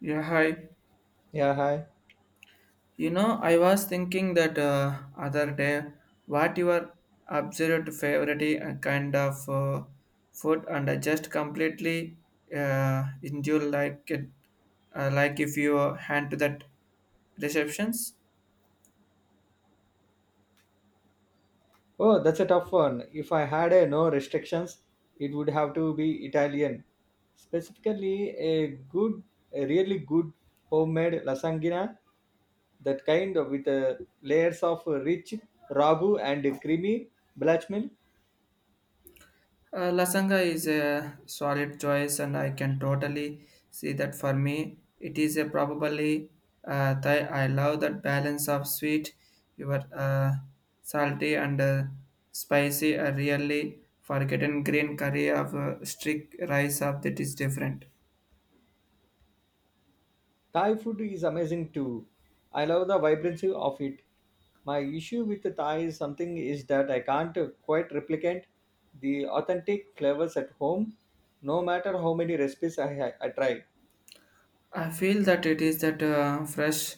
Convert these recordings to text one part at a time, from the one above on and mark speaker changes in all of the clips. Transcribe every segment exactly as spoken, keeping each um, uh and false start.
Speaker 1: Yeah, hi.
Speaker 2: Yeah, hi.
Speaker 1: You know, I was thinking that uh, other day, what your absolute favorite uh, kind of uh, food, and I just completely uh, endure like it, uh, like if you hand to that receptions.
Speaker 2: Oh, that's a tough one. If I had a no restrictions, it would have to be Italian. Specifically, a good, a really good homemade lasagna, that kind of with uh, layers of rich ragu and creamy bechamel.
Speaker 1: Uh, lasanga is a solid choice, and I can totally see that for me. It is a probably uh, Thai. I love that balance of sweet, your uh, salty and uh, spicy. I really forgotten green curry of uh, strict rice of that is different.
Speaker 2: Thai food is amazing too. I love the vibrancy of it. My issue with the Thai is something is that I can't quite replicate the authentic flavors at home, no matter how many recipes I, I try.
Speaker 1: I feel that it is that uh, fresh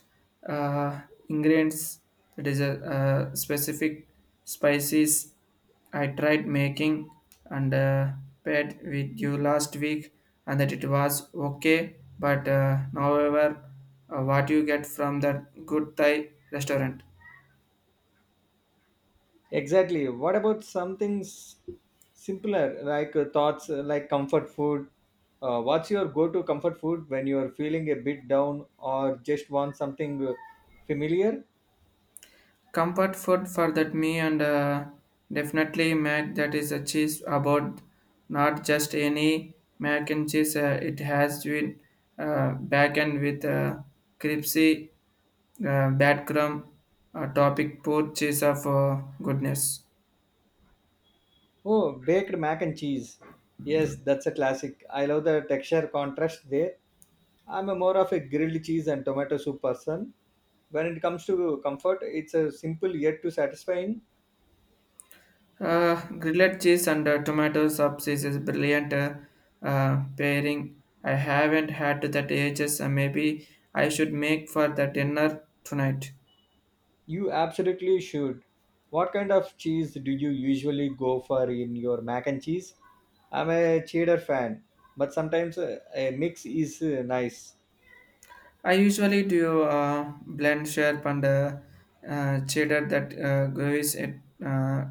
Speaker 1: uh, ingredients that is a, uh specific spices I tried making and uh, paired with you last week and that it was okay but uh, however uh, what you get from that good Thai restaurant
Speaker 2: Exactly. What about something s- simpler like uh, thoughts uh, like comfort food? Uh, what's your go to comfort food when you're feeling a bit down or just want something uh, familiar?
Speaker 1: comfort food for that me and uh, definitely mac that is a cheese about not just any mac and cheese uh, it has been uh, back end with uh, crispy uh, bad crumb uh, topic poor cheese of uh, goodness
Speaker 2: Oh, baked mac and cheese. Yes, that's a classic. I love the texture contrast there. I'm a more of a grilled cheese and tomato soup person. When it comes to comfort, it's a simple yet to satisfying.
Speaker 1: uh, grilled cheese and uh, tomato sauce is a brilliant uh, uh, pairing. I haven't had that ages. Uh, maybe I should make for the dinner tonight.
Speaker 2: You absolutely should. What kind of cheese do you usually go for in your mac and cheese? I'm a cheddar fan, but sometimes uh, a mix is uh, nice.
Speaker 1: I usually do uh, blend sharp and uh, uh, cheddar that uh, gravies it uh,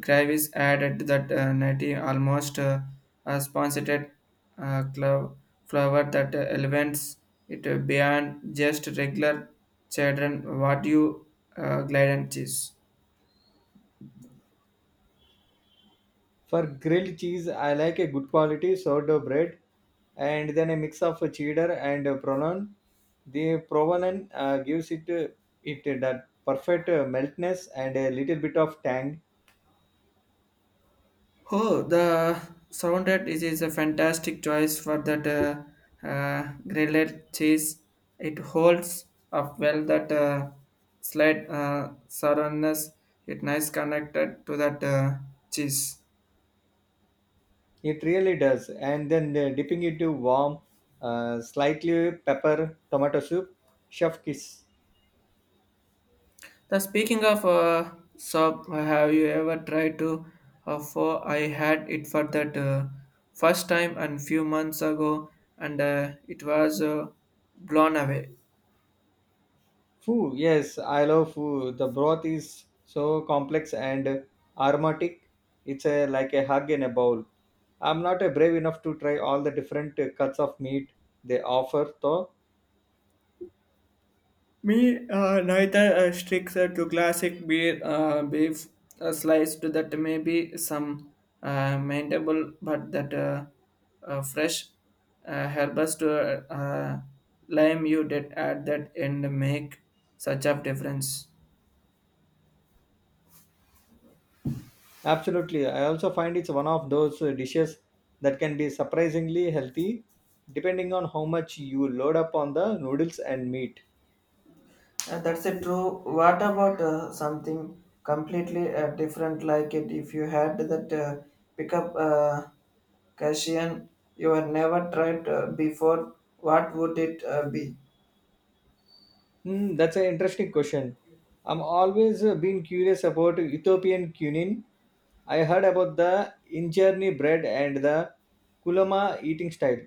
Speaker 1: gravies added that uh, nutty almost uh, a sponsored uh, clove flower that uh, elevates it uh, beyond just regular cheddar. What you uh, glide and cheese?
Speaker 2: For grilled cheese, I like a good quality sourdough bread and then a mix of uh, cheddar and uh, provolone. The provolone uh, gives it uh, it uh, that perfect uh, meltness and a little bit of tang.
Speaker 1: Oh, the surrounded is, is a fantastic choice for that uh, uh, grilled cheese. It holds up well that uh, slight uh, sourness. It nice connected to that uh, cheese.
Speaker 2: It really does. And then the dipping into warm, uh, slightly pepper tomato soup. Chef kiss.
Speaker 1: The speaking of uh, soap, have you ever tried to? Uh, for I had it for that uh, first time and few months ago, and uh, it was uh, blown away.
Speaker 2: Foo, yes, I love foo. The broth is so complex and aromatic. It's a, like a hug in a bowl. I'm not a brave enough to try all the different uh, cuts of meat they offer, though.
Speaker 1: Me, uh, neither uh, sticks uh, to classic beer, uh, beef uh, sliced that may be some uh, maintainable, but that uh, uh, fresh uh, herbs to uh, uh, lime you did add that and make such a difference.
Speaker 2: Absolutely. I also find it's one of those uh, dishes that can be surprisingly healthy, depending on how much you load up on the noodles and meat.
Speaker 1: Uh, that's a true. What about uh, something completely uh, different like it? If you had that uh, pick up uh, Cassian you had never tried uh, before, what would it uh, be?
Speaker 2: Hmm, that's an interesting question. I'm always uh, been curious about Ethiopian cuisine. I heard about the injera bread and the kulama eating style.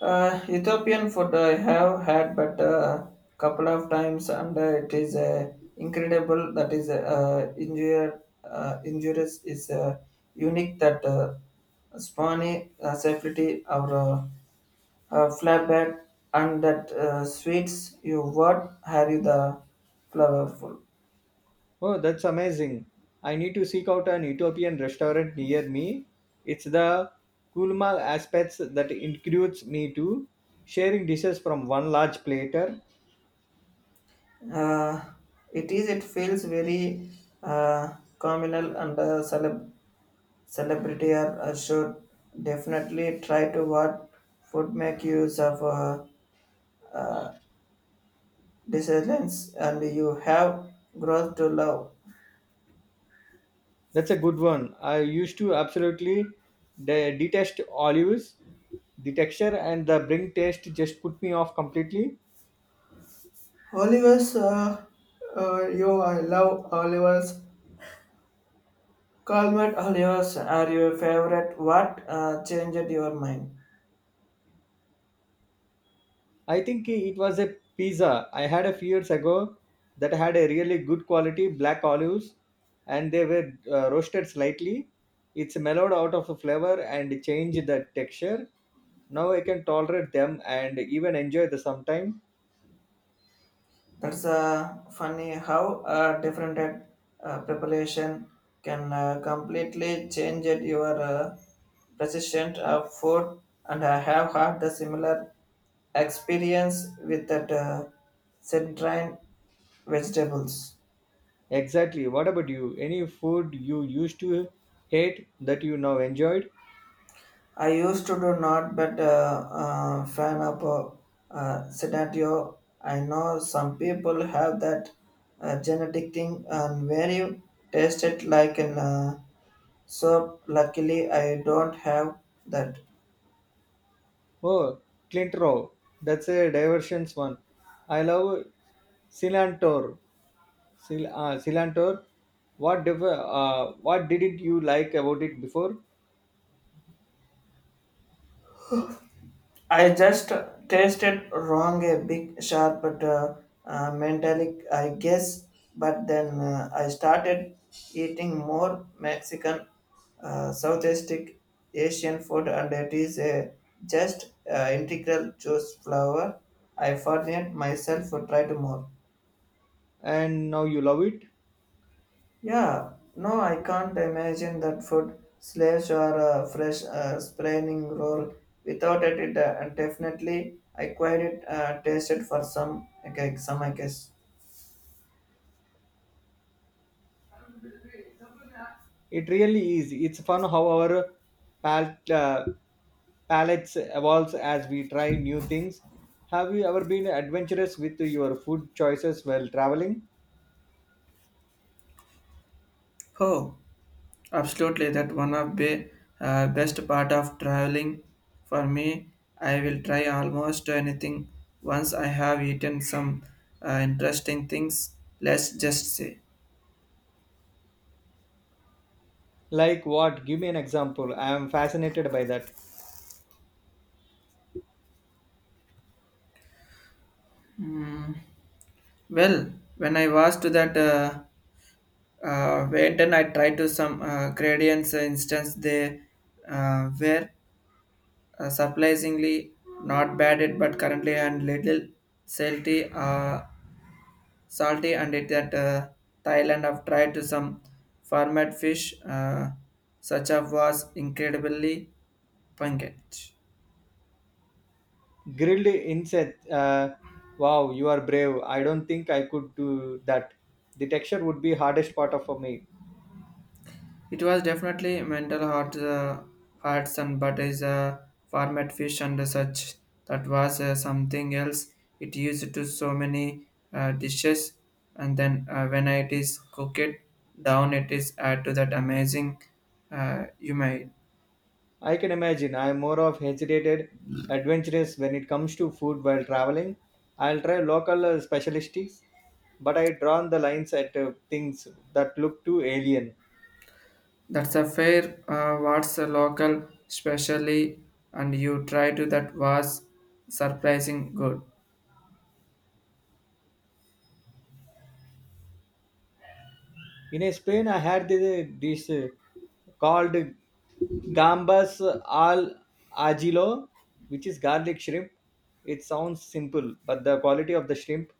Speaker 1: Uh, Ethiopian food I have had but a couple of times, and uh, it is uh, incredible. That is uh, injur- uh, injurious is uh, unique that uh, spawny uh, safety or uh, uh, flatbread and that uh, sweets you what have you the flavorful.
Speaker 2: Oh, that's amazing. I need to seek out an Ethiopian restaurant near me. It's the kulma aspects that includes me too. Sharing dishes from one large platter.
Speaker 1: Uh, it is it feels very uh, communal and uh, celeb Celebrity are uh, should definitely try to what would make use of uh, uh, decisions and you have growth to love.
Speaker 2: That's a good one. I used to absolutely de- detest olives. The texture and the bring taste just put me off completely.
Speaker 1: Oliver's, uh, uh, you I love Oliver's. Colmett Oliver's are your favorite. What uh, changed your mind?
Speaker 2: I think it was a pizza I had a few years ago that had a really good quality black olives and they were uh, roasted slightly. It's mellowed out of the flavor and changed the texture. Now I can tolerate them and even enjoy the sometime.
Speaker 1: That's uh, funny how uh, different uh, preparation can uh, completely change it your uh, persistent of food. And I have had the similar experience with that uh, centrine vegetables.
Speaker 2: Exactly. What about you? Any food you used to hate that you now enjoyed?
Speaker 1: I used to do not, but uh, uh, fan of uh, uh, scenario. I know some people have that uh, genetic thing and very tasted like an uh, So luckily I don't have that.
Speaker 2: Oh, Clint Row. That's a diversions one. I love cilantro. Sil- uh, Cilantro, what diff- uh, what didn't you like about it before,
Speaker 1: I just tasted wrong a big sharp but uh, uh, metallic I guess but then uh, I started eating more Mexican uh, Southeast Asian food and it is a just uh, integral juice flour. I forget myself to try to more.
Speaker 2: and now you love it?
Speaker 1: Yeah, no, I can't imagine that food Slaves or a fresh uh, spraining roll. Without it, it uh, definitely I quite it uh, tasted for some okay, some I guess.
Speaker 2: It really is. It's fun how our pal- uh, palates evolves as we try new things. Have you ever been adventurous with your food choices while traveling?
Speaker 1: Oh, absolutely. That one of the uh, best part of traveling for me. I will try almost anything once I have eaten some uh, interesting things. Let's just say.
Speaker 2: Like what? Give me an example. I am fascinated by that.
Speaker 1: Hmm. Well, when I was to that. Uh, uh, went and I tried to some uh, gradients uh, instance they uh, were uh, surprisingly not bad it but currently and little salty uh, salty and it that uh, Thailand I've tried to some format fish uh, such as was incredibly pungent.
Speaker 2: Grilled insect. Uh, wow, you are brave. I don't think I could do that. The texture would be hardest part of for me.
Speaker 1: It was definitely mental heart, uh, hearts and but is a format fish and such. That was uh, something else. It used to so many uh, dishes, and then uh, when it is cooked down, it is add to that amazing uh, you made.
Speaker 2: I can imagine I am more of hesitated, adventurous when it comes to food while traveling. I'll try local uh, specialties, but I drawn the lines at uh, things that look too alien.
Speaker 1: That's a fair. Uh, what's a local specially, and you try to that was surprising good.
Speaker 2: In uh, Spain, I had this, this uh, called gambas al ajilo, which is garlic shrimp. It sounds simple, but the quality of the shrimp,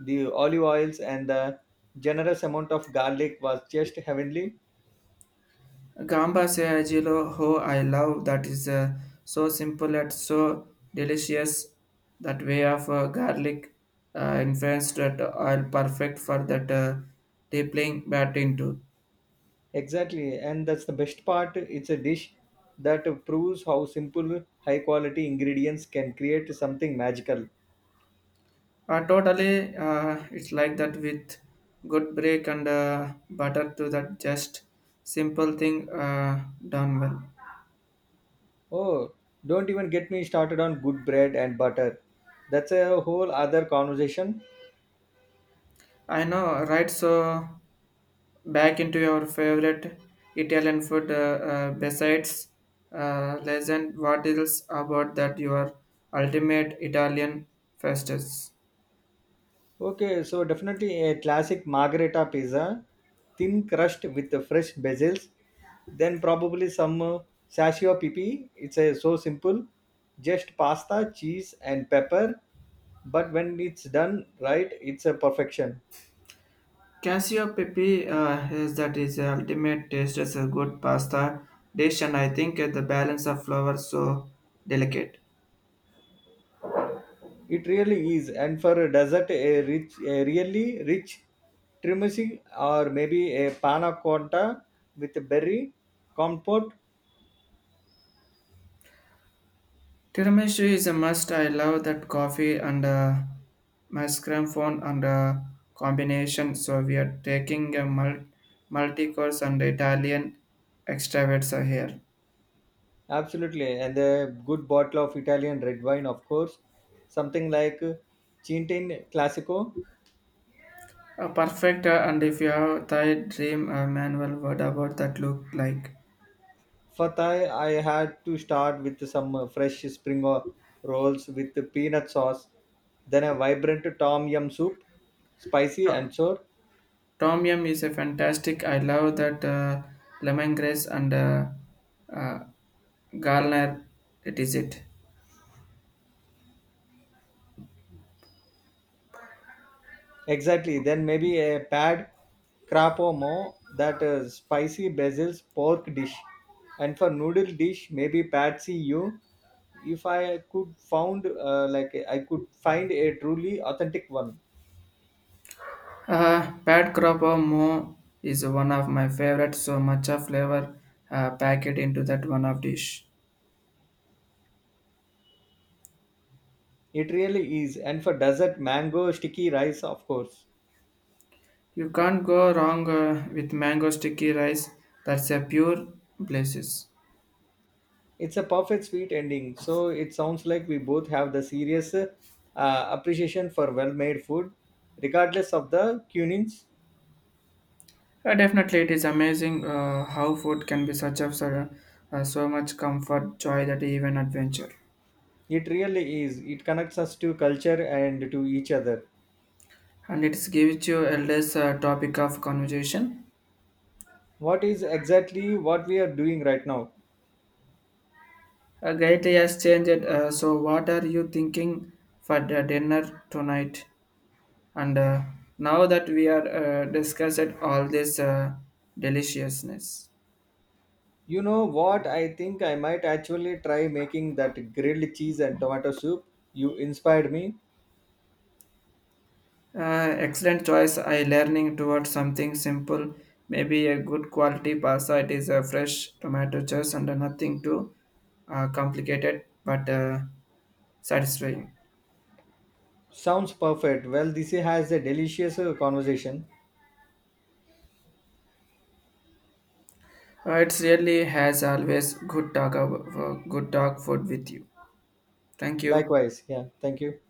Speaker 2: the olive oils, and the generous amount of garlic was just heavenly.
Speaker 1: Gamba Seagilo, how I love that is uh, so simple and so delicious. That way of uh, garlic uh, influenced that oil perfect for that uh, deepling bat into.
Speaker 2: Exactly, and that's the best part. It's a dish that proves how simple, high quality ingredients can create something magical.
Speaker 1: Uh, totally, uh, it's like that with good break and uh, butter to that just simple thing uh, done well.
Speaker 2: Oh, don't even get me started on good bread and butter. That's a whole other conversation.
Speaker 1: I know, right? So back into your favorite Italian food uh, uh, besides uh, legend what else about that your ultimate Italian festus
Speaker 2: Okay, so definitely a classic margherita pizza, thin crust with the fresh bezels, then probably some uh, sashio pipi. It's a, so simple, just pasta, cheese, and pepper. But when it's done right, it's a perfection.
Speaker 1: Casio pepe uh, is that is the ultimate taste as a good pasta dish and I think uh, the balance of flavor so delicate
Speaker 2: It really is, and for a dessert, a rich, a really rich trimicing or maybe a panna cotta with a berry compote.
Speaker 1: Tiramisu is a must. I love that coffee and uh, mascarpone and uh, combination. So we are taking a mul- multi-course and Italian extravets here.
Speaker 2: Absolutely, and a good bottle of Italian red wine, of course, something like Cintin Classico.
Speaker 1: A perfect uh, and if you have Thai dream uh, manual, what about that look like?
Speaker 2: For Thai, I had to start with some uh, fresh spring o- rolls with the peanut sauce, then a vibrant tom yum soup, spicy
Speaker 1: Oh,
Speaker 2: and sour.
Speaker 1: Tom Yum is a fantastic. I love that uh, lemongrass and uh, uh, garlic. It is it.
Speaker 2: Exactly. Then maybe a pad crapomo, that uh, spicy basil's pork dish. And for noodle dish, maybe patsy you. If I could found uh, like I could find a truly authentic one.
Speaker 1: Uh, Pat Cropper Mo is one of my favorite. So much of flavor uh, packed into that one of dish.
Speaker 2: It really is. And for dessert, mango sticky rice, of course.
Speaker 1: You can't go wrong uh, with mango sticky rice. That's a pure places.
Speaker 2: It's a perfect sweet ending. So it sounds like we both have the serious uh, appreciation for well-made food, regardless of the cunings.
Speaker 1: Uh, definitely, it is amazing uh, how food can be such of so, uh, so much comfort, joy, that even adventure.
Speaker 2: It really is. It connects us to culture and to each other.
Speaker 1: And it gives you a less uh, topic of conversation.
Speaker 2: What is exactly what we are doing right now?
Speaker 1: Uh, Gaiti has changed. Uh, so, what are you thinking for the dinner tonight? And uh, now that we are uh, discussed all this uh, deliciousness,
Speaker 2: You know what? I think I might actually try making that grilled cheese and tomato soup. You inspired me.
Speaker 1: uh, excellent choice. I learning towards something simple, maybe a good quality pasta. It is a fresh tomato juice and nothing too uh, complicated, but uh, satisfying.
Speaker 2: Sounds perfect. Well, this has a delicious uh, conversation.
Speaker 1: Uh, it really has always good talk, ab- uh, good talk food with you. Thank you.
Speaker 2: Likewise. Yeah. Thank you.